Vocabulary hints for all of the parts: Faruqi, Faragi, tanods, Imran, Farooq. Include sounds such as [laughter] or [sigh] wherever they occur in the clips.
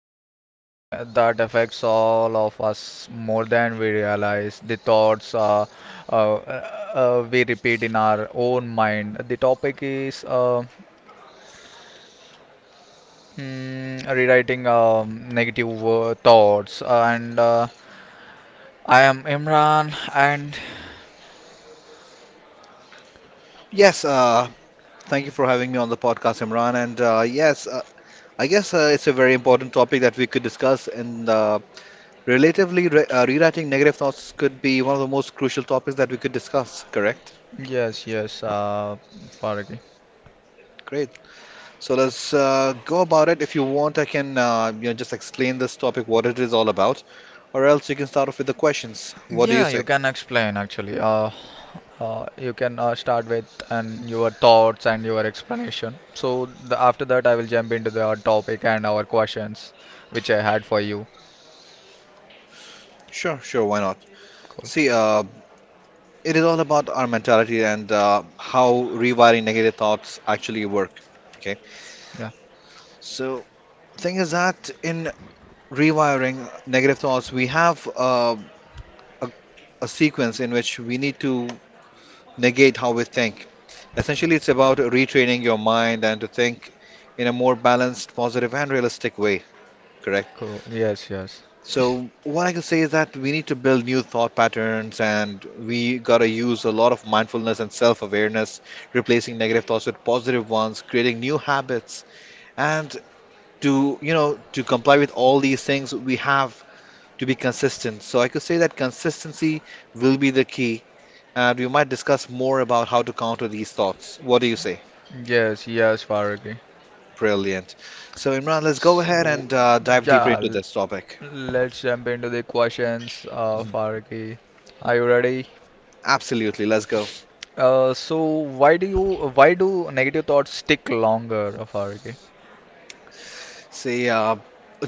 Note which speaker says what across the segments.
Speaker 1: something that affects all of us more than we realize. The thoughts uh, uh, we repeat in our own mind. The topic is rewriting negative thoughts, and I am Imran, and
Speaker 2: Yes, thank you for having me on the podcast, Imran. And yes, I guess it's a very important topic that we could discuss. And relatively, re rewriting negative thoughts could be one of the most crucial topics that we could discuss, correct?
Speaker 1: yes, yes, Faragi.
Speaker 2: Great. So let's go about it. If you want, I can just explain this topic, what it is all about, or else you can start off with the questions. What do you
Speaker 1: Yeah,
Speaker 2: say?
Speaker 1: you can explain actually. You can start with and your thoughts and your explanation. So after that, I will jump into the topic and our questions which I had for you.
Speaker 2: Sure, sure, why not?
Speaker 1: Cool.
Speaker 2: See, it is all about our mentality and how rewiring negative thoughts actually work. Okay,
Speaker 1: Yeah.
Speaker 2: so thing is that in rewiring negative thoughts, we have a, a sequence in which we need to negate how we think. Essentially, it's about retraining your mind and to think in a more balanced, positive, and realistic way, correct?
Speaker 1: Cool. Yes. Yes.
Speaker 2: So, what I can say is that we need to build new thought patterns and we gotta use a lot of mindfulness and self-awareness, replacing negative thoughts with positive ones, creating new habits, and to, you know, to comply with all these things, we have to be consistent. So I could say that consistency will be the key, and we might discuss more about how to counter these thoughts. What do you say?
Speaker 1: Yes. Yes, Faragi.
Speaker 2: Brilliant. So, Imran, let's go ahead
Speaker 1: So
Speaker 2: and dive deeper
Speaker 1: yeah,
Speaker 2: into this topic.
Speaker 1: let's jump into the questions,
Speaker 2: Mhm.
Speaker 1: Faragi. Are you ready?
Speaker 2: Absolutely, let's go.
Speaker 1: So why do you why do negative thoughts stick longer, Faragi?
Speaker 2: See,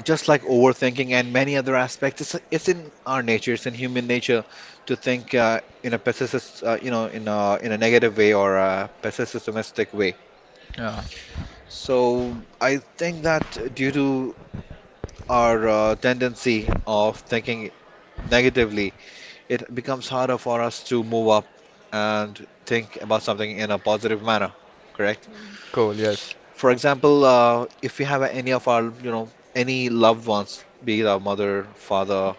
Speaker 2: just like overthinking and many other aspects, it's in our nature, it's in human nature to think in a pessimist, in a negative way or a pessimistic way.
Speaker 1: Yeah.
Speaker 2: So I think that due to our tendency of thinking negatively, it becomes harder for us to move up and think about something in a positive manner, correct?
Speaker 1: Cool. Yes.
Speaker 2: For example, if we have any of our, you know, any loved ones, be it our mother, father,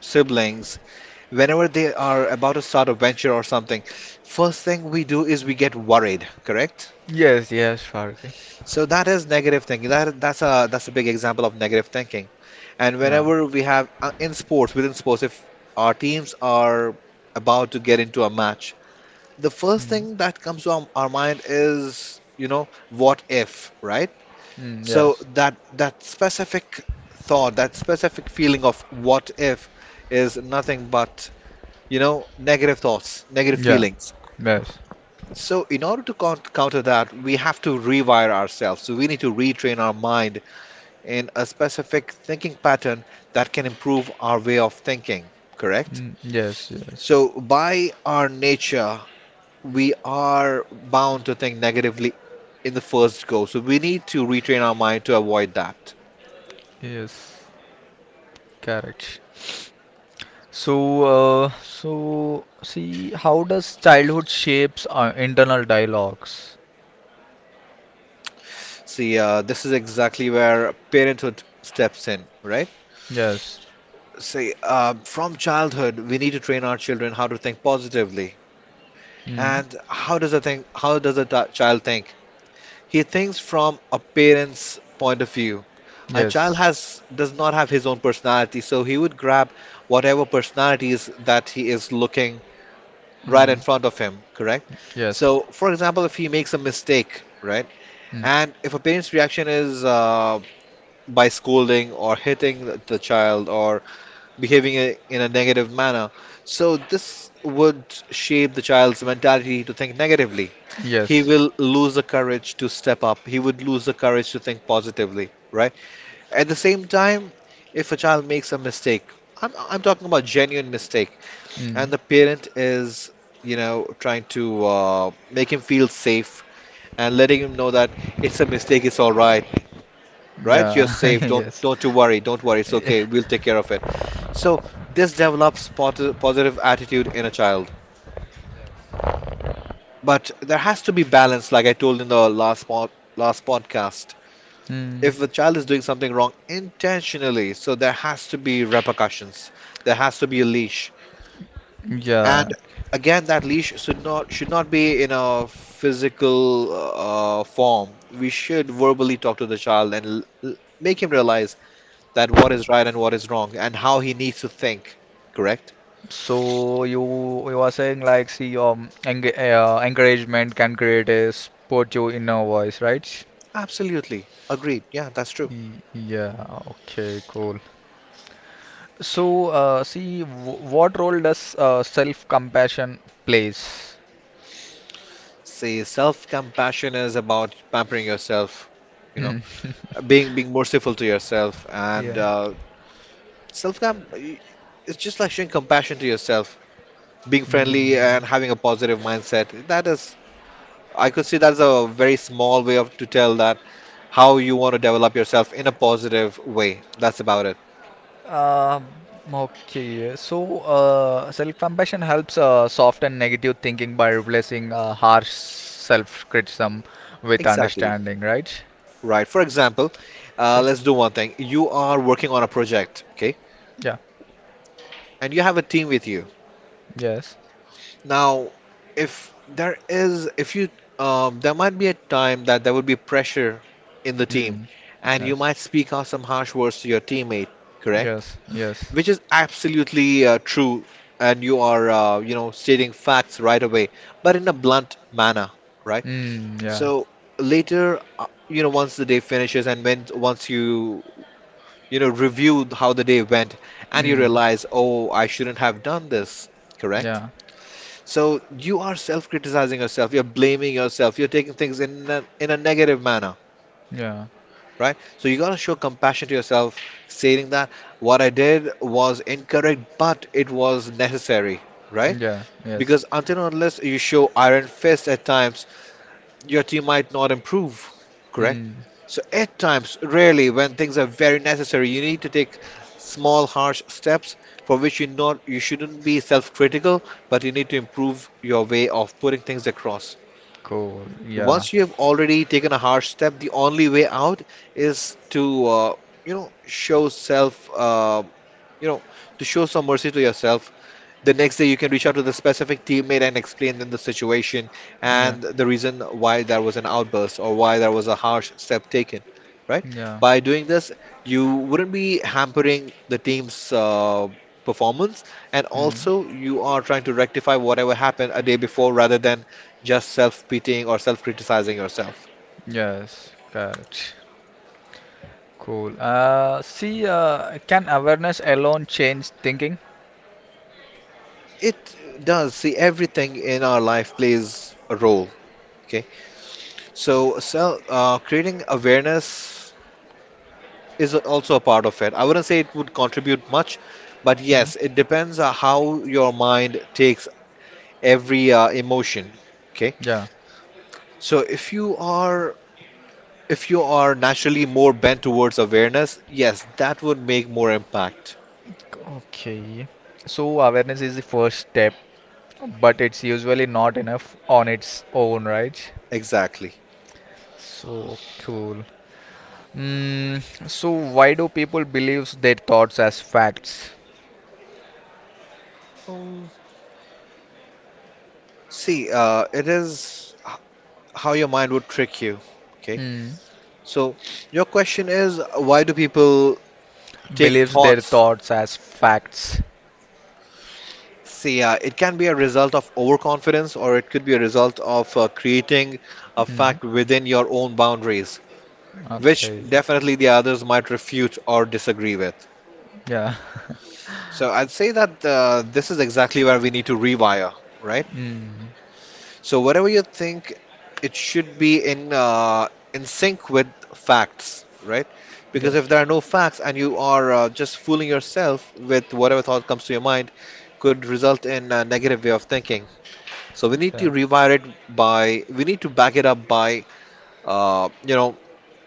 Speaker 2: siblings, whenever they are about to start a venture or something, first thing we do is we get worried, correct?
Speaker 1: Yes. Yes, Faragi.
Speaker 2: So that is negative thinking. That's a big example of negative thinking. And
Speaker 1: Yeah.
Speaker 2: whenever we have in sports, within sports, if our teams are about to get into a match, the first
Speaker 1: Mm.
Speaker 2: thing that comes to our mind is, you know, what if, right?
Speaker 1: Mm,
Speaker 2: So
Speaker 1: yes.
Speaker 2: that specific thought, that specific feeling of what if is nothing but, you know, negative thoughts, negative
Speaker 1: Yeah.
Speaker 2: feelings.
Speaker 1: Yes.
Speaker 2: So, in order to counter that, we have to rewire ourselves. So, we need to retrain our mind in a specific thinking pattern that can improve our way of thinking, correct?
Speaker 1: Mm, yes. Yes.
Speaker 2: So, by our nature, we are bound to think negatively in the first go. So, we need to retrain our mind to avoid that.
Speaker 1: Yes. Correct. So, so see, how does childhood shapes our internal dialogues?
Speaker 2: See, this is exactly where parenthood steps in, right?
Speaker 1: Yes.
Speaker 2: See, from childhood, we need to train our children how to think positively.
Speaker 1: Mm.
Speaker 2: And how does a think? How does a child think? He thinks from a parent's point of view. a child
Speaker 1: Yes.
Speaker 2: has does not have his own personality, so he would grab whatever personalities that he is looking right in
Speaker 1: Mm.
Speaker 2: front of him, correct?
Speaker 1: Yes.
Speaker 2: So, for example, if he makes a mistake, right,
Speaker 1: Mm.
Speaker 2: and if a parent's reaction is by scolding or hitting the child or behaving in a negative manner, so this would shape the child's mentality to think negatively. He
Speaker 1: Yes.
Speaker 2: will lose the courage to step up. He would lose the courage to think positively, right? At the same time, if a child makes a mistake — I'm talking about genuine mistake — and
Speaker 1: Mm.
Speaker 2: the parent is, you know, trying to make him feel safe and letting him know that it's a mistake, it's all right, right? You're
Speaker 1: Yeah.
Speaker 2: safe.
Speaker 1: [laughs]
Speaker 2: Don't
Speaker 1: Yes.
Speaker 2: don't you worry. Don't worry. It's okay. We'll take care of it. So this develops positive attitude in a child, but there has to be balance, like I told in the last podcast.
Speaker 1: Mm.
Speaker 2: If a child is doing something wrong intentionally, so there has to be repercussions. There has to be a leash, and
Speaker 1: Yeah.
Speaker 2: again, that leash should not be in a physical form. We should verbally talk to the child and make him realize that what is right and what is wrong, and how he needs to think. Correct?
Speaker 1: So you are saying like see enga encouragement can create a support your inner voice, right?
Speaker 2: Absolutely. Agreed. Yeah, that's true.
Speaker 1: Yeah, okay, cool. So see w what role does self-compassion plays?
Speaker 2: See, self-compassion is about pampering yourself, you know,
Speaker 1: Mm. [laughs]
Speaker 2: being merciful to yourself and
Speaker 1: Yeah.
Speaker 2: self-care, it's just like showing compassion to yourself, being friendly
Speaker 1: Mm.
Speaker 2: and having a positive mindset. That is, I could see that's a very small way of to tell that how you want to develop yourself in a positive way. That's about it.
Speaker 1: Um, okay, yeah. So self-compassion helps soften negative thinking by replacing harsh self-criticism with
Speaker 2: Exactly.
Speaker 1: understanding, right?
Speaker 2: Right. For example,
Speaker 1: See?
Speaker 2: let's do one thing. You are working on a project, okay?
Speaker 1: Yeah.
Speaker 2: And you have a team with you.
Speaker 1: Yes.
Speaker 2: Now, if you, there might be a time that there would be pressure in the team,
Speaker 1: Mm.
Speaker 2: and you
Speaker 1: Yes.
Speaker 2: might speak out some harsh words to your teammate, correct?
Speaker 1: Yes. Yes.
Speaker 2: Which is absolutely true, and you are, stating facts right away, but in a blunt manner, right?
Speaker 1: Mm. Yeah.
Speaker 2: So later, once the day finishes and when once you, you know, review how the day went and you
Speaker 1: Mm.
Speaker 2: realize, oh, I shouldn't have done this, correct?
Speaker 1: Yeah.
Speaker 2: So you are self-criticizing yourself, you're blaming yourself, you're taking things in a negative manner,
Speaker 1: Yeah.
Speaker 2: right? So you gotta show compassion to yourself, stating that what I did was incorrect, but it was necessary, right?
Speaker 1: Yeah. Yes.
Speaker 2: Because until and unless you show iron fist at times, your team might not improve, correct?
Speaker 1: Mm.
Speaker 2: So at times, rarely, when things are very necessary, you need to take small, harsh steps for which you shouldn't be self-critical, but you need to improve your way of putting things across.
Speaker 1: Cool. Yeah.
Speaker 2: Once you have already taken a hard step, the only way out is to, show self, you know, to show some mercy to yourself. The next day you can reach out to the specific teammate and explain them the situation
Speaker 1: Yeah.
Speaker 2: and the reason why there was an outburst or why there was a harsh step taken, right?
Speaker 1: Yeah.
Speaker 2: By doing this you wouldn't be hampering the team's performance, and
Speaker 1: Mm.
Speaker 2: also you are trying to rectify whatever happened a day before rather than just self-pitying or self-criticizing yourself.
Speaker 1: Yes. Correct. Cool. See, can awareness alone change thinking?
Speaker 2: It does. See, everything in our life plays a role, okay? So creating awareness is also a part of it. I wouldn't say it would contribute much, but
Speaker 1: Mm.
Speaker 2: yes, it depends on how your mind takes every emotion. Okay,
Speaker 1: Yeah.
Speaker 2: so if you are naturally more bent towards awareness, yes, that would make more impact.
Speaker 1: Okay. So awareness is the first step, but it's usually not enough on its own, right?
Speaker 2: Exactly.
Speaker 1: So cool. Mm, so why do people believes their thoughts as facts?
Speaker 2: Um, see, it is how your mind would trick you. Okay,
Speaker 1: Mm.
Speaker 2: so your question is, why do people take
Speaker 1: Believes their
Speaker 2: thoughts.
Speaker 1: thoughts as facts.
Speaker 2: See, it can be a result of overconfidence, or it could be a result of creating a
Speaker 1: Mm.
Speaker 2: fact within your own boundaries, which
Speaker 1: Okay.
Speaker 2: definitely the others might refute or disagree with.
Speaker 1: Yeah. [laughs]
Speaker 2: So I'd say that this is exactly where we need to rewire, right?
Speaker 1: Mm.
Speaker 2: So whatever you think, it should be in sync with facts, right? Because
Speaker 1: Yes.
Speaker 2: if there are no facts and you are just fooling yourself with whatever thought comes to your mind, could result in a negative way of thinking. So we need to
Speaker 1: Yeah.
Speaker 2: rewire it by, we need to back it up by, uh, you know,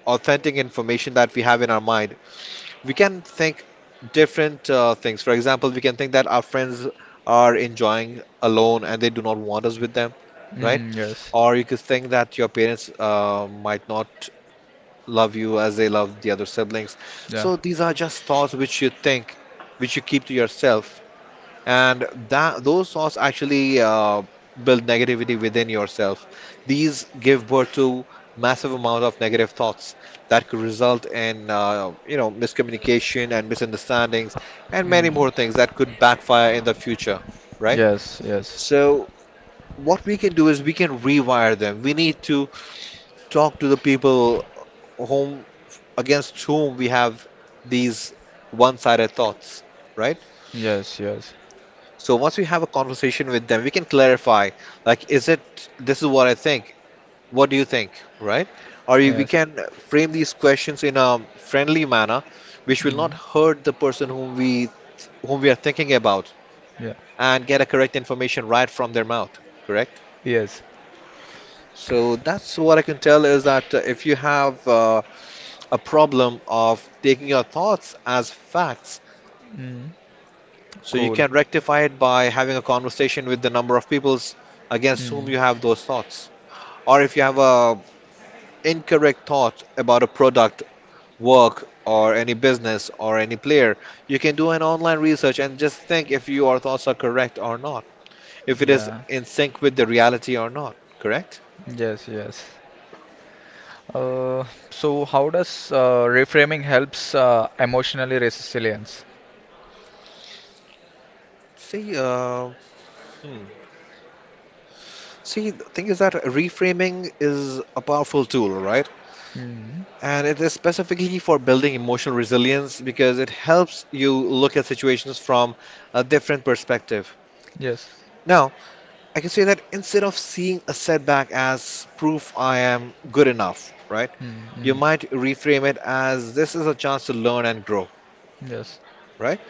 Speaker 2: authentic information that we have in our mind. We can think different things. For example, we can think that our friends are enjoying alone and they do not want us with them, right?
Speaker 1: Mm, yes.
Speaker 2: Or you could think that your parents might not love you as they love the other siblings.
Speaker 1: Yeah.
Speaker 2: So these are just thoughts which you think, which you keep to yourself, and that those thoughts actually build negativity within yourself. These give birth to massive amount of negative thoughts that could result in miscommunication and misunderstandings and
Speaker 1: Mm.
Speaker 2: many more things that could backfire in the future, right?
Speaker 1: Yes. Yes.
Speaker 2: So what we can do is we can rewire them. We need to talk to the people whom against whom we have these one-sided thoughts, right?
Speaker 1: Yes. Yes.
Speaker 2: So once we have a conversation with them, we can clarify, like, is it, this is what I think. What do you think, right? Or we
Speaker 1: Yes.
Speaker 2: can frame these questions in a friendly manner, which will not
Speaker 1: Mm.
Speaker 2: hurt the person whom we are thinking about,
Speaker 1: Yeah.
Speaker 2: and get a correct information right from their mouth, correct?
Speaker 1: Yes.
Speaker 2: So that's what I can tell is that if you have a problem of taking your thoughts as facts,
Speaker 1: Mm.
Speaker 2: so you
Speaker 1: Cool.
Speaker 2: can rectify it by having a conversation with the number of peoples against whom
Speaker 1: Mm.
Speaker 2: you have those thoughts, or if you have a incorrect thought about a product, work, or any business or any player, you can do an online research and just think if your thoughts are correct or not, if it is
Speaker 1: Yeah.
Speaker 2: in sync with the reality or not. Correct?
Speaker 1: Yes. Yes. Uh, so how does reframing helps emotionally resilience?
Speaker 2: See, hmm. See, the thing is that reframing is a powerful tool, right?
Speaker 1: Mm.
Speaker 2: And it is specifically for building emotional resilience because it helps you look at situations from a different perspective.
Speaker 1: Yes.
Speaker 2: Now, I can say that instead of seeing a setback as proof I am good enough, right?
Speaker 1: Mm,
Speaker 2: You
Speaker 1: mm.
Speaker 2: might reframe it as this is a chance to learn and grow,
Speaker 1: Yes.
Speaker 2: right?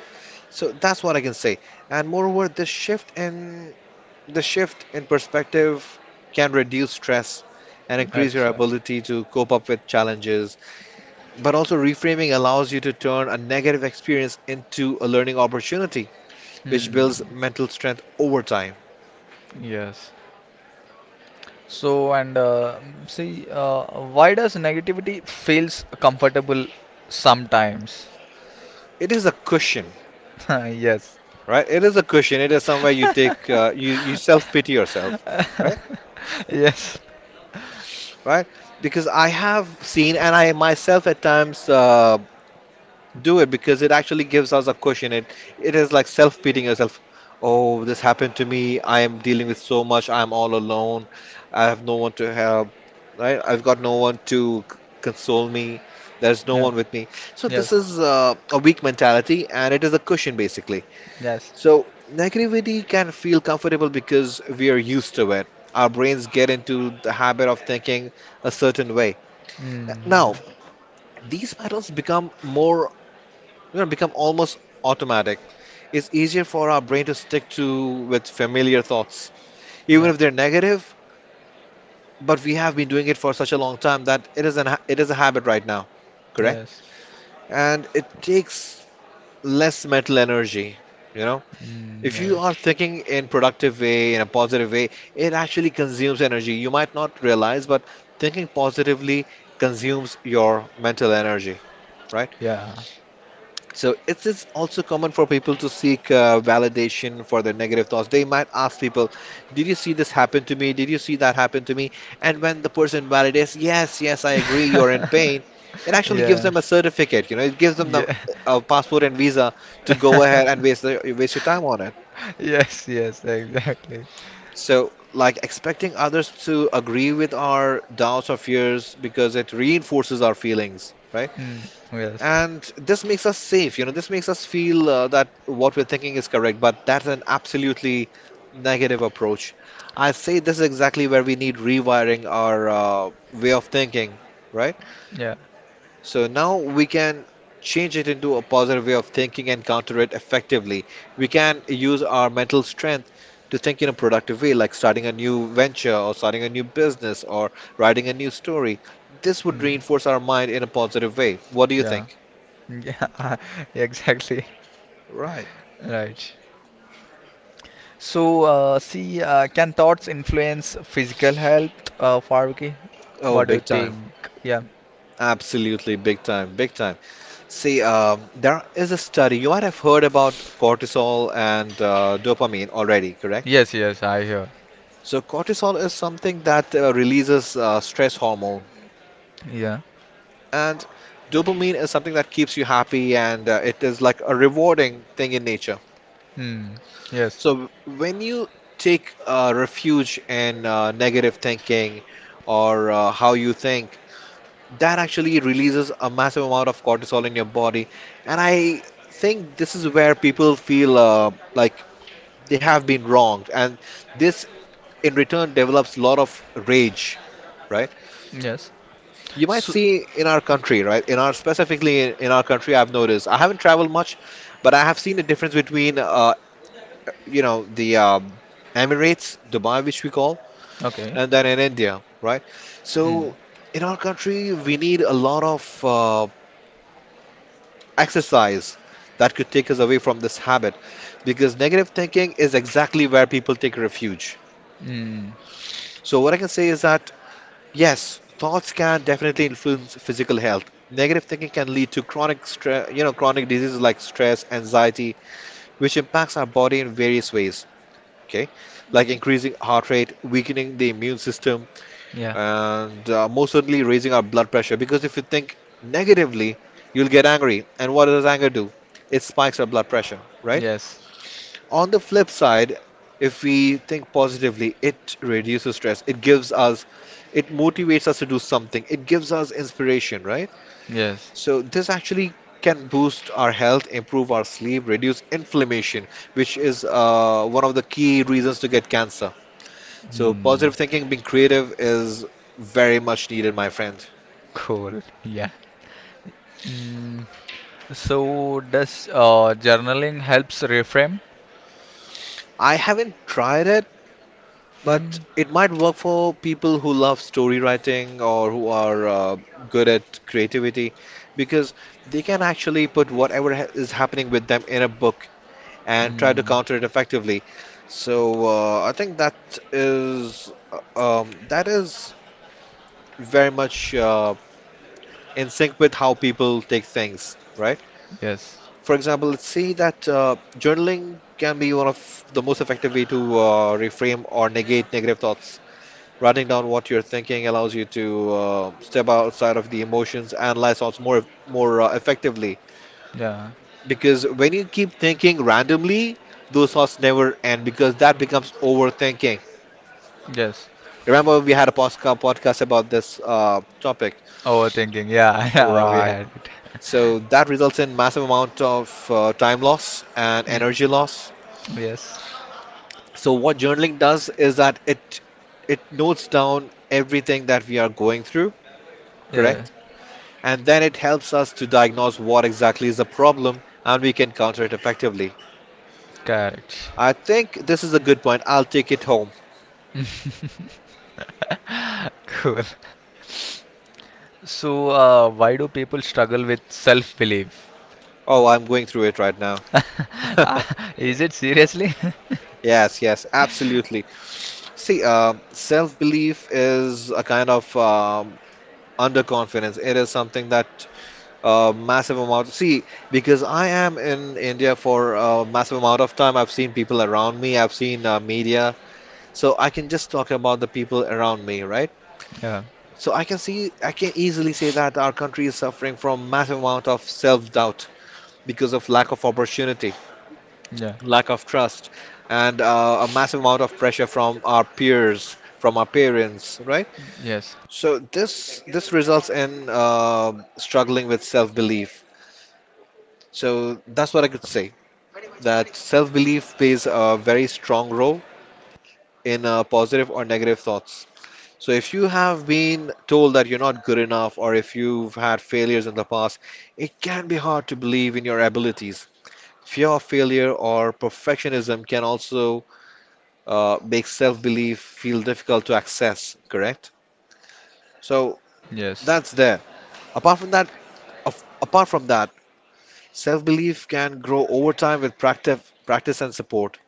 Speaker 2: So that's what I can say. And moreover, the shift in perspective can reduce stress and increase your
Speaker 1: Exactly.
Speaker 2: ability to cope up with challenges. But also reframing allows you to turn a negative experience into a learning opportunity, which
Speaker 1: Mm.
Speaker 2: builds mental strength over time.
Speaker 1: Yes. So and see, why does negativity feels comfortable sometimes?
Speaker 2: It is a cushion,
Speaker 1: [laughs] Yes.
Speaker 2: right? It is a cushion. It is somewhere you take, you you self pity yourself, right?
Speaker 1: [laughs] Yes.
Speaker 2: Right? Because I have seen, and I myself at times do it because it actually gives us a cushion. It is like self pitying yourself. Oh, this happened to me. I am dealing with so much. I am all alone. I have no one to help, right? I've got no one to console me. There's no
Speaker 1: Yeah.
Speaker 2: one with me. So this
Speaker 1: Yes.
Speaker 2: is a weak mentality, and it is a cushion basically.
Speaker 1: Yes.
Speaker 2: So, negativity can feel comfortable because we are used to it. Our brains get into the habit of thinking a certain way. Now,
Speaker 1: Mm.
Speaker 2: these patterns become more, become almost automatic. It's easier for our brain to stick to with familiar thoughts, even
Speaker 1: Yeah.
Speaker 2: if they're negative, but we have been doing it for such a long time that it is it is a habit right now, correct?
Speaker 1: Yes.
Speaker 2: And it takes less mental energy, you know?
Speaker 1: Mm,
Speaker 2: If you are
Speaker 1: yes.
Speaker 2: thinking in productive way, in a positive way, it actually consumes energy. You might not realize, but thinking positively consumes your mental energy, right?
Speaker 1: Yeah.
Speaker 2: So it is also common for people to seek validation for their negative thoughts. They might ask people, "Did you see this happen to me? Did you see that happen to me?" And when the person validates, "Yes, yes, I
Speaker 1: [laughs]
Speaker 2: agree, you're in pain," it actually gives
Speaker 1: Yeah.
Speaker 2: them a certificate. You know, it gives them the
Speaker 1: Yeah. [laughs]
Speaker 2: a passport and visa to go ahead and waste your time on it.
Speaker 1: Yes, yes, exactly.
Speaker 2: So, like expecting others to agree with our doubts or fears because it reinforces our feelings, right?
Speaker 1: Mm, yes.
Speaker 2: And this makes us safe, you know, this makes us feel that what we're thinking is correct, but that's an absolutely negative approach. I say this is exactly where we need rewiring our way of thinking, right?
Speaker 1: Yeah.
Speaker 2: So now we can change it into a positive way of thinking and counter it effectively. We can use our mental strength to think in a productive way, like starting a new venture or starting a new business or writing a new story. This would
Speaker 1: Mm,
Speaker 2: reinforce our mind in a positive way. What do you
Speaker 1: yeah.
Speaker 2: think?
Speaker 1: Yeah, [laughs] exactly.
Speaker 2: Right.
Speaker 1: Right. So, see, can thoughts influence physical health, Faruqi?
Speaker 2: Oh,
Speaker 1: What do you
Speaker 2: big time.
Speaker 1: think? Yeah.
Speaker 2: Absolutely, big time, big time. See, there is a study, you might have heard about cortisol and dopamine already, correct?
Speaker 1: Yes, yes, I hear.
Speaker 2: So cortisol is something that releases stress hormone,
Speaker 1: Yeah.
Speaker 2: and dopamine is something that keeps you happy, and it is like a rewarding thing in nature.
Speaker 1: Hmm. Yes.
Speaker 2: So when you take refuge in negative thinking or how you think, that actually releases a massive amount of cortisol in your body, and I think this is where people feel like they have been wronged, and this in return develops a lot of rage, right?
Speaker 1: Yes.
Speaker 2: You might
Speaker 1: So,
Speaker 2: see in our
Speaker 1: mm,
Speaker 2: country, right? In our specifically in our country, I've noticed. I haven't traveled much, but I have seen the difference between, you know, the Emirates, Dubai, which we call,
Speaker 1: okay.
Speaker 2: and then in India, right?
Speaker 1: Mm.
Speaker 2: So in our country, we need a lot of exercise that could take us away from this habit, because negative thinking is exactly where people take refuge.
Speaker 1: Mm.
Speaker 2: So what I can say is that yes, thoughts can definitely influence physical health. Negative thinking can lead to you know, chronic diseases like stress, anxiety, which impacts our body in various ways. Okay, like increasing heart rate, weakening the immune system,
Speaker 1: Yeah.
Speaker 2: and most certainly raising our blood pressure. Because if you think negatively, you'll get angry, and what does anger do? It spikes our blood pressure, right?
Speaker 1: Yes.
Speaker 2: On the flip side, if we think positively, it reduces stress. It motivates us to do something. It gives us inspiration, right?
Speaker 1: Yes.
Speaker 2: So this actually can boost our health, improve our sleep, reduce inflammation, which is one of the key reasons to get cancer. So
Speaker 1: Mm.
Speaker 2: positive thinking, being creative is very much needed, my friend.
Speaker 1: Cool. Yeah. Mm. So does journaling helps reframe?
Speaker 2: I haven't tried it, but
Speaker 1: Mm.
Speaker 2: it might work for people who love story writing or who are good at creativity because they can actually put whatever ha is happening with them in a book and try to
Speaker 1: Mm.
Speaker 2: counter it effectively. So I think that is very much in sync with how people take things, right?
Speaker 1: Yes.
Speaker 2: For example, let's see that journaling can be one of the most effective way to reframe or negate negative thoughts. Writing down what you're thinking allows you to step outside of the emotions, analyze thoughts more effectively.
Speaker 1: Yeah.
Speaker 2: Because when you keep thinking randomly, those thoughts never end because that becomes overthinking.
Speaker 1: Yes.
Speaker 2: Remember, we had a podcast about this topic,
Speaker 1: Overthinking. Yeah. [laughs] Yeah. We
Speaker 2: right?
Speaker 1: had it. [laughs]
Speaker 2: So that results in massive amount of time loss and
Speaker 1: Mm.
Speaker 2: energy loss.
Speaker 1: Yes.
Speaker 2: So what journaling does is that it notes down everything that we are going through,
Speaker 1: Yeah.
Speaker 2: correct? And then it helps us to diagnose what exactly is the problem and we can counter it effectively.
Speaker 1: Correct.
Speaker 2: I think this is a good point. I'll take it home.
Speaker 1: [laughs] Cool. So, why do people struggle with self-belief?
Speaker 2: Oh, I'm going through it right now. [laughs]
Speaker 1: [laughs] Is it seriously? [laughs]
Speaker 2: Yes, yes, absolutely. See, self-belief is a kind of underconfidence. It is something that massive amount. See, because I am in India for a massive amount of time, I've seen people around me, I've seen media, so I can just talk about the people around me, right?
Speaker 1: Yeah,
Speaker 2: So I can see, I can easily say that our country is suffering from massive amount of self-doubt because of lack of opportunity,
Speaker 1: yeah,
Speaker 2: lack of trust, and a massive amount of pressure from our peers, from our parents, right?
Speaker 1: yes,
Speaker 2: So this results in struggling with self-belief. So that's what I could say, that self-belief plays a very strong role in positive or negative thoughts. So if you have been told that you're not good enough or if you've had failures in the past, it can be hard to believe in your abilities. Fear of failure or perfectionism can also make self-belief feel difficult to access, correct? So
Speaker 1: yes,
Speaker 2: that's there. Apart from that, apart from that, self-belief can grow over time with practice, practice and support.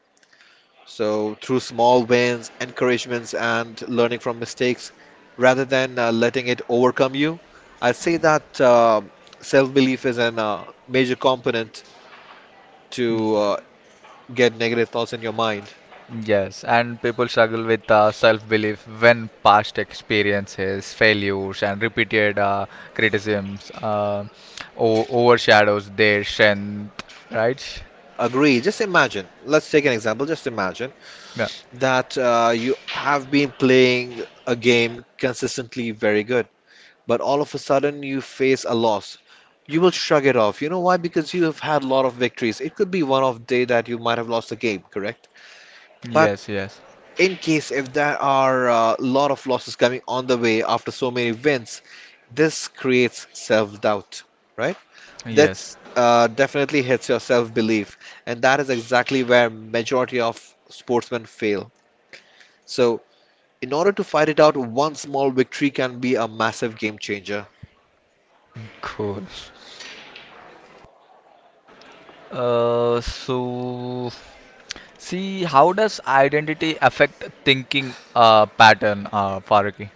Speaker 2: So, through small wins, encouragements, and learning from mistakes, rather than letting it overcome you, I say that self-belief is an major component
Speaker 1: Mm,
Speaker 2: to get negative thoughts in your mind.
Speaker 1: yes. And people struggle with self-belief when past experiences, failures, and repeated criticisms o overshadows their strength, right?
Speaker 2: Agree. Just imagine. Let's take an example. Just imagine
Speaker 1: Yeah.
Speaker 2: that you have been playing a game consistently very good, but all of a sudden you face a loss. You will shrug it off. You know why? Because you have had a lot of victories. It could be one off day that you might have lost the game, correct? But
Speaker 1: Yes, yes,
Speaker 2: in case if there are a lot of losses coming on the way after so many wins, this creates self-doubt, right?
Speaker 1: yes.
Speaker 2: That's definitely hits your self-belief, and that is exactly where majority of sportsmen fail. So, in order to fight it out, one small victory can be a massive game changer.
Speaker 1: Cool. So. See, how does identity affect thinking pattern, Farooq?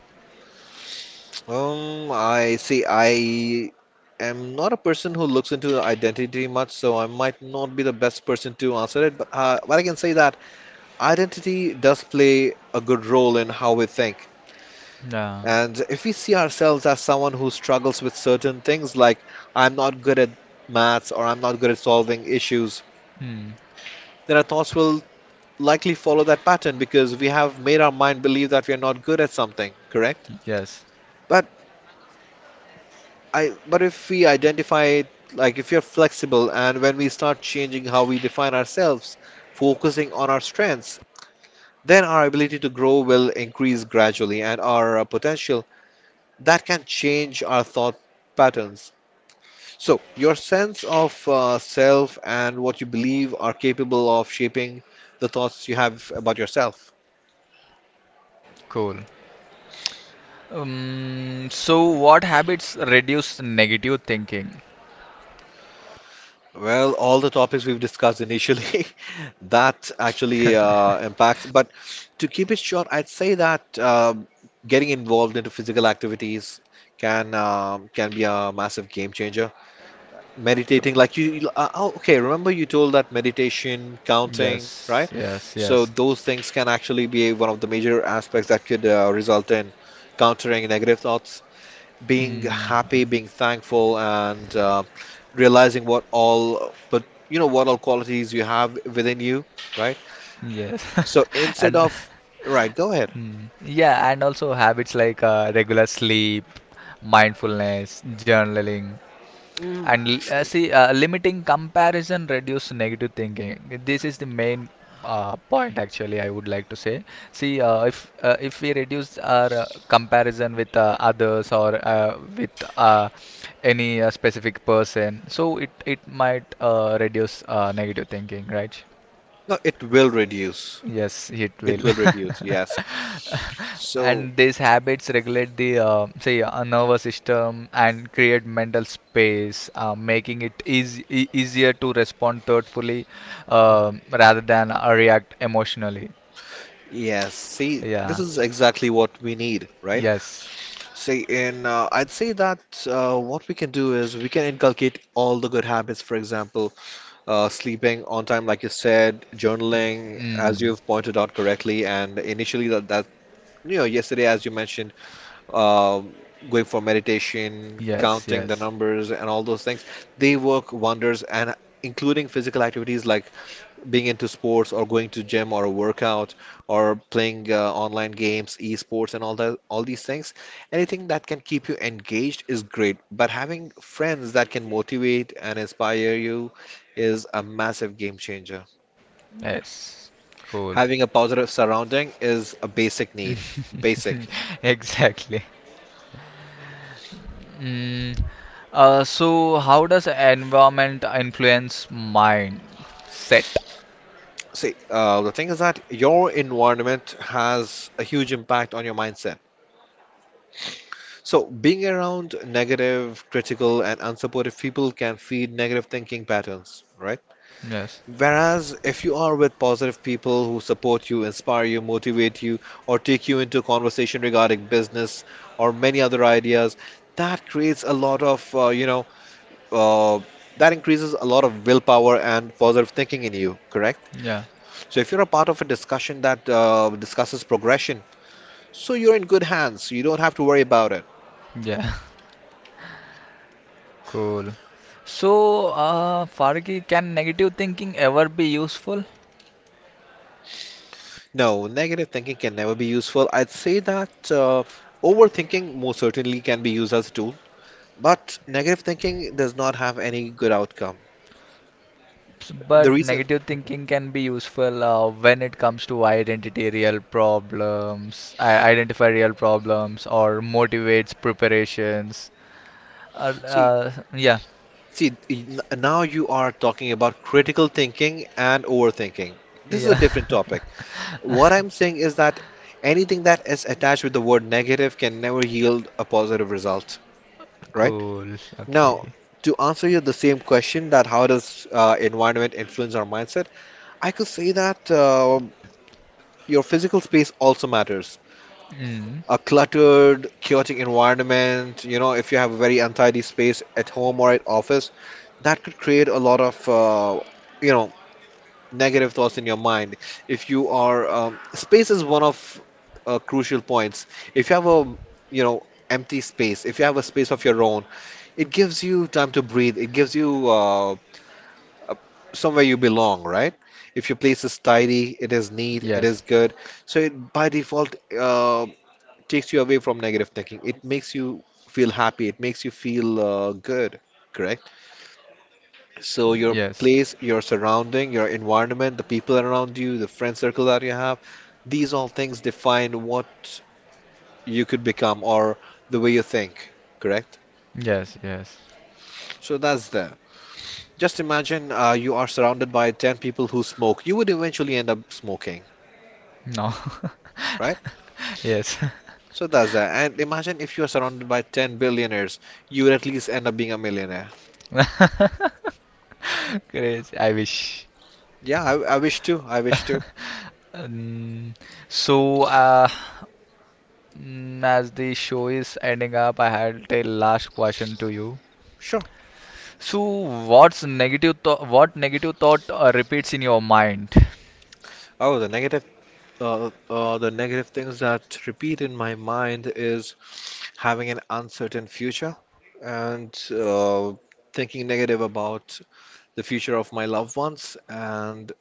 Speaker 2: I see. I am not a person who looks into the identity much, so I might not be the best person to answer it. But I can say that identity does play a good role in how we think.
Speaker 1: Yeah.
Speaker 2: And if we see ourselves as someone who struggles with certain things, like I'm not good at maths or I'm not good at solving issues,
Speaker 1: Hmm.
Speaker 2: then our thoughts will likely follow that pattern because we have made our mind believe that we are not good at something, correct?
Speaker 1: Yes.
Speaker 2: But but if we identify, like if you're flexible and when we start changing how we define ourselves, focusing on our strengths, then our ability to grow will increase gradually and our potential that can change our thought patterns. So, your sense of self and what you believe are capable of shaping the thoughts you have about yourself.
Speaker 1: Cool. So, what habits reduce negative thinking?
Speaker 2: Well, all the topics we've discussed initially, [laughs] that actually
Speaker 1: [laughs]
Speaker 2: impacts. But to keep it short, I'd say that getting involved into physical activities can be a massive game changer.
Speaker 1: Cool.
Speaker 2: Meditating, oh, okay. Remember you told that meditation, counting, right?
Speaker 1: Yes. Yes.
Speaker 2: So
Speaker 1: Yes.
Speaker 2: those things can actually be one of the major aspects that could result in countering negative thoughts, being
Speaker 1: Mm,
Speaker 2: happy, being thankful, and realizing what all, what all qualities you have within you, right?
Speaker 1: yes.
Speaker 2: So
Speaker 1: [laughs]
Speaker 2: instead
Speaker 1: And
Speaker 2: of, right, go ahead.
Speaker 1: mm, yeah, and also habits like regular sleep, mindfulness, journaling.
Speaker 2: Mm,
Speaker 1: And
Speaker 2: true.
Speaker 1: see, limiting comparison reduce negative thinking. This is the main point actually. I would like to say. See, if we reduce our comparison with others or with uh, any specific person, so it might reduce negative thinking, right?
Speaker 2: No, it will reduce.
Speaker 1: Yes, it
Speaker 2: It
Speaker 1: will.
Speaker 2: will reduce,
Speaker 1: [laughs]
Speaker 2: yes. So,
Speaker 1: And these habits regulate the say nervous system and create mental space, making it easy, e easier to respond thoughtfully, rather than react emotionally.
Speaker 2: yes, see, this
Speaker 1: Yeah.
Speaker 2: is exactly what we need, right?
Speaker 1: Yes.
Speaker 2: See, in I'd say that what we can do is we can inculcate all the good habits, for example sleeping on time, like you said, journaling, as
Speaker 1: Mm.
Speaker 2: you've pointed out correctly, and initially that you know yesterday, as you mentioned, um going for meditation,
Speaker 1: Yes.
Speaker 2: counting the
Speaker 1: Yes.
Speaker 2: numbers, and all those things, they work wonders, and including physical activities like being into sports or going to gym or a workout or playing online games, esports and all that, all these things, anything that can keep you engaged is great. But having friends that can motivate and inspire you is a massive game changer.
Speaker 1: Yes. Cool.
Speaker 2: Having a positive surrounding is a basic need,
Speaker 1: [laughs]
Speaker 2: basic.
Speaker 1: Exactly. Mm. So how does environment influence mind set?
Speaker 2: See, the thing is that your environment has a huge impact on your mindset. So, being around negative, critical, and unsupportive people can feed negative thinking patterns, right?
Speaker 1: Yes.
Speaker 2: Whereas if you are with positive people who support you, inspire you, motivate you, or take you into conversation regarding business or many other ideas, that creates a lot of, uh, that increases a lot of willpower and positive thinking in you, correct?
Speaker 1: Yeah.
Speaker 2: So if you're a part of a discussion that discusses progression, so you're in good hands. You don't have to worry about it.
Speaker 1: Yeah. [laughs] Cool. So, Fargi, can negative thinking ever be useful?
Speaker 2: No, negative thinking can never be useful. I'd say that overthinking most certainly can be used as a tool. But negative thinking does not have any good outcome. The
Speaker 1: But
Speaker 2: reason,
Speaker 1: negative thinking can be useful when it comes to I identify real problems, or motivates preparations. Uh,
Speaker 2: see,
Speaker 1: yeah,
Speaker 2: now you are talking about critical thinking and overthinking. This is a
Speaker 1: yeah.
Speaker 2: different topic. What I'm
Speaker 1: [laughs]
Speaker 2: saying is that anything that is attached with the word negative can never yield a positive result, right?
Speaker 1: Cool. Okay.
Speaker 2: Now, to answer you the same question that how does environment influence our mindset, I could say that your physical space also matters.
Speaker 1: Mm.
Speaker 2: A cluttered, chaotic environment, you know, if you have a very untidy space at home or at office, that could create a lot of, you know, negative thoughts in your mind. If you are, space is one of crucial points. If you have a, you know, empty space, if you have a space of your own, it gives you time to breathe. It gives you a- somewhere you belong, right? If your place is tidy, it is neat, it is
Speaker 1: Yes.
Speaker 2: good. So it, by default, takes you away from negative thinking. It makes you feel happy. It makes you feel good, correct? So your
Speaker 1: Yes.
Speaker 2: place, your surrounding, your environment, the people around you, the friend circle that you have, these all things define what you could become or the way you think, correct?
Speaker 1: Yes. Yes.
Speaker 2: So that's there. Just imagine you are surrounded by 10 people who smoke. You would eventually end up smoking,
Speaker 1: No.
Speaker 2: right?
Speaker 1: [laughs] Yes.
Speaker 2: So that's that. And imagine if you are surrounded by 10 billionaires, you would at least end up being a millionaire.
Speaker 1: [laughs] Crazy. I wish.
Speaker 2: Yeah, I wish to. I wish to.
Speaker 1: Um, so, as the show is ending up, I had a last question to you.
Speaker 2: Sure.
Speaker 1: So, what's negative thought? What negative thought repeats in your mind? [laughs]
Speaker 2: Oh, the negative things that repeat in my mind is having an uncertain future and thinking negative about the future of my loved ones, and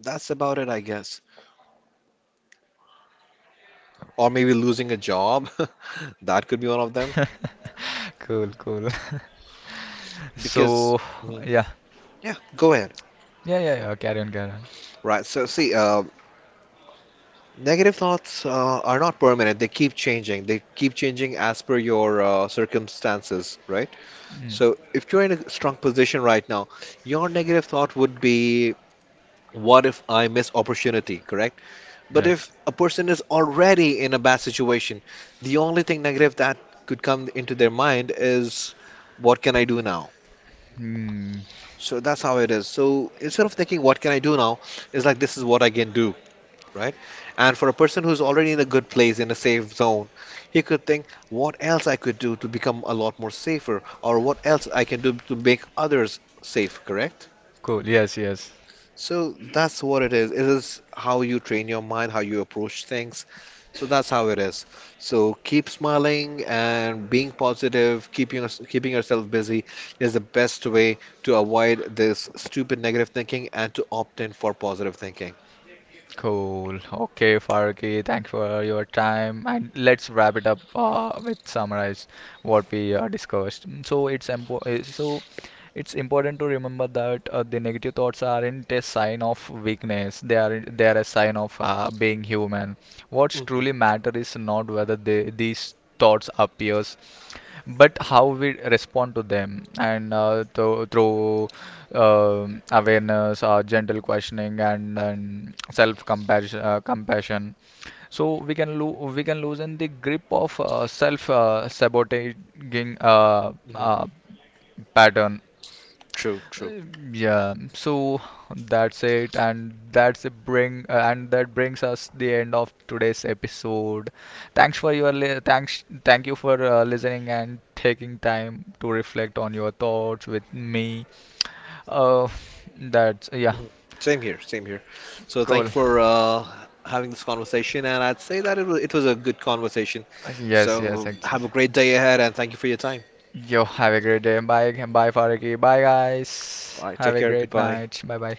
Speaker 2: that's about it, I guess. Or maybe losing a job. [laughs] That could be one of them
Speaker 1: Cool, cool.
Speaker 2: because,
Speaker 1: [laughs] So,
Speaker 2: Mhm.
Speaker 1: yeah,
Speaker 2: Yeah, go ahead.
Speaker 1: yeah, yeah, yeah. Carry on, carry on.
Speaker 2: Right. So, negative thoughts are not permanent. They keep changing. They keep changing as per your circumstances, right?
Speaker 1: Mm,
Speaker 2: So if you're in a strong position right now, your negative thought would be, what if I miss opportunity, correct? But
Speaker 1: yes.
Speaker 2: if a person is already in a bad situation, the only thing negative that could come into their mind is, what can I do now?
Speaker 1: Mm,
Speaker 2: So that's how it is. So instead of thinking, what can I do now, it's like, this is what I can do, right? And for a person who's already in a good place, in a safe zone, he could think, what else I could do to become a lot more safer, or what else I can do to make others safe, correct?
Speaker 1: cool. Yes, yes.
Speaker 2: So that's what it is. It is how you train your mind, how you approach things. So that's how it is. So keep smiling and being positive, keeping yourself busy is the best way to avoid this stupid negative thinking and to opt in for positive thinking.
Speaker 1: Cool. Okay, Faruqi, thanks for your time. And let's wrap it up with summarize what we discussed. So it's important to remember that the negative thoughts aren't a sign of weakness. They are a sign of being human. What's
Speaker 2: Hmm.
Speaker 1: truly matter is not whether these thoughts appears, but how we respond to them and through awareness, gentle questioning, and self compassion, so we can lo we can loosen the grip of self sabotaging
Speaker 2: Hmm.
Speaker 1: pattern
Speaker 2: True, true.
Speaker 1: uh, Yeah, so that's it, and that brings us the end of today's episode. Thanks for your li thanks, Thank you for listening and taking time to reflect on your thoughts with me. Uh, that's yeah,
Speaker 2: Mhm. Same here, same here. So thank
Speaker 1: cool.
Speaker 2: you for having this conversation, and I'd say that it was a good conversation.
Speaker 1: Yes, yes,
Speaker 2: So
Speaker 1: ex
Speaker 2: have a great day ahead, and thank you for your time.
Speaker 1: Yo, have a great day. Bye, bye, Faraki. Bye, guys.
Speaker 2: Bye.
Speaker 1: Have
Speaker 2: Take
Speaker 1: a
Speaker 2: care.
Speaker 1: great
Speaker 2: Goodbye.
Speaker 1: night. Bye, bye.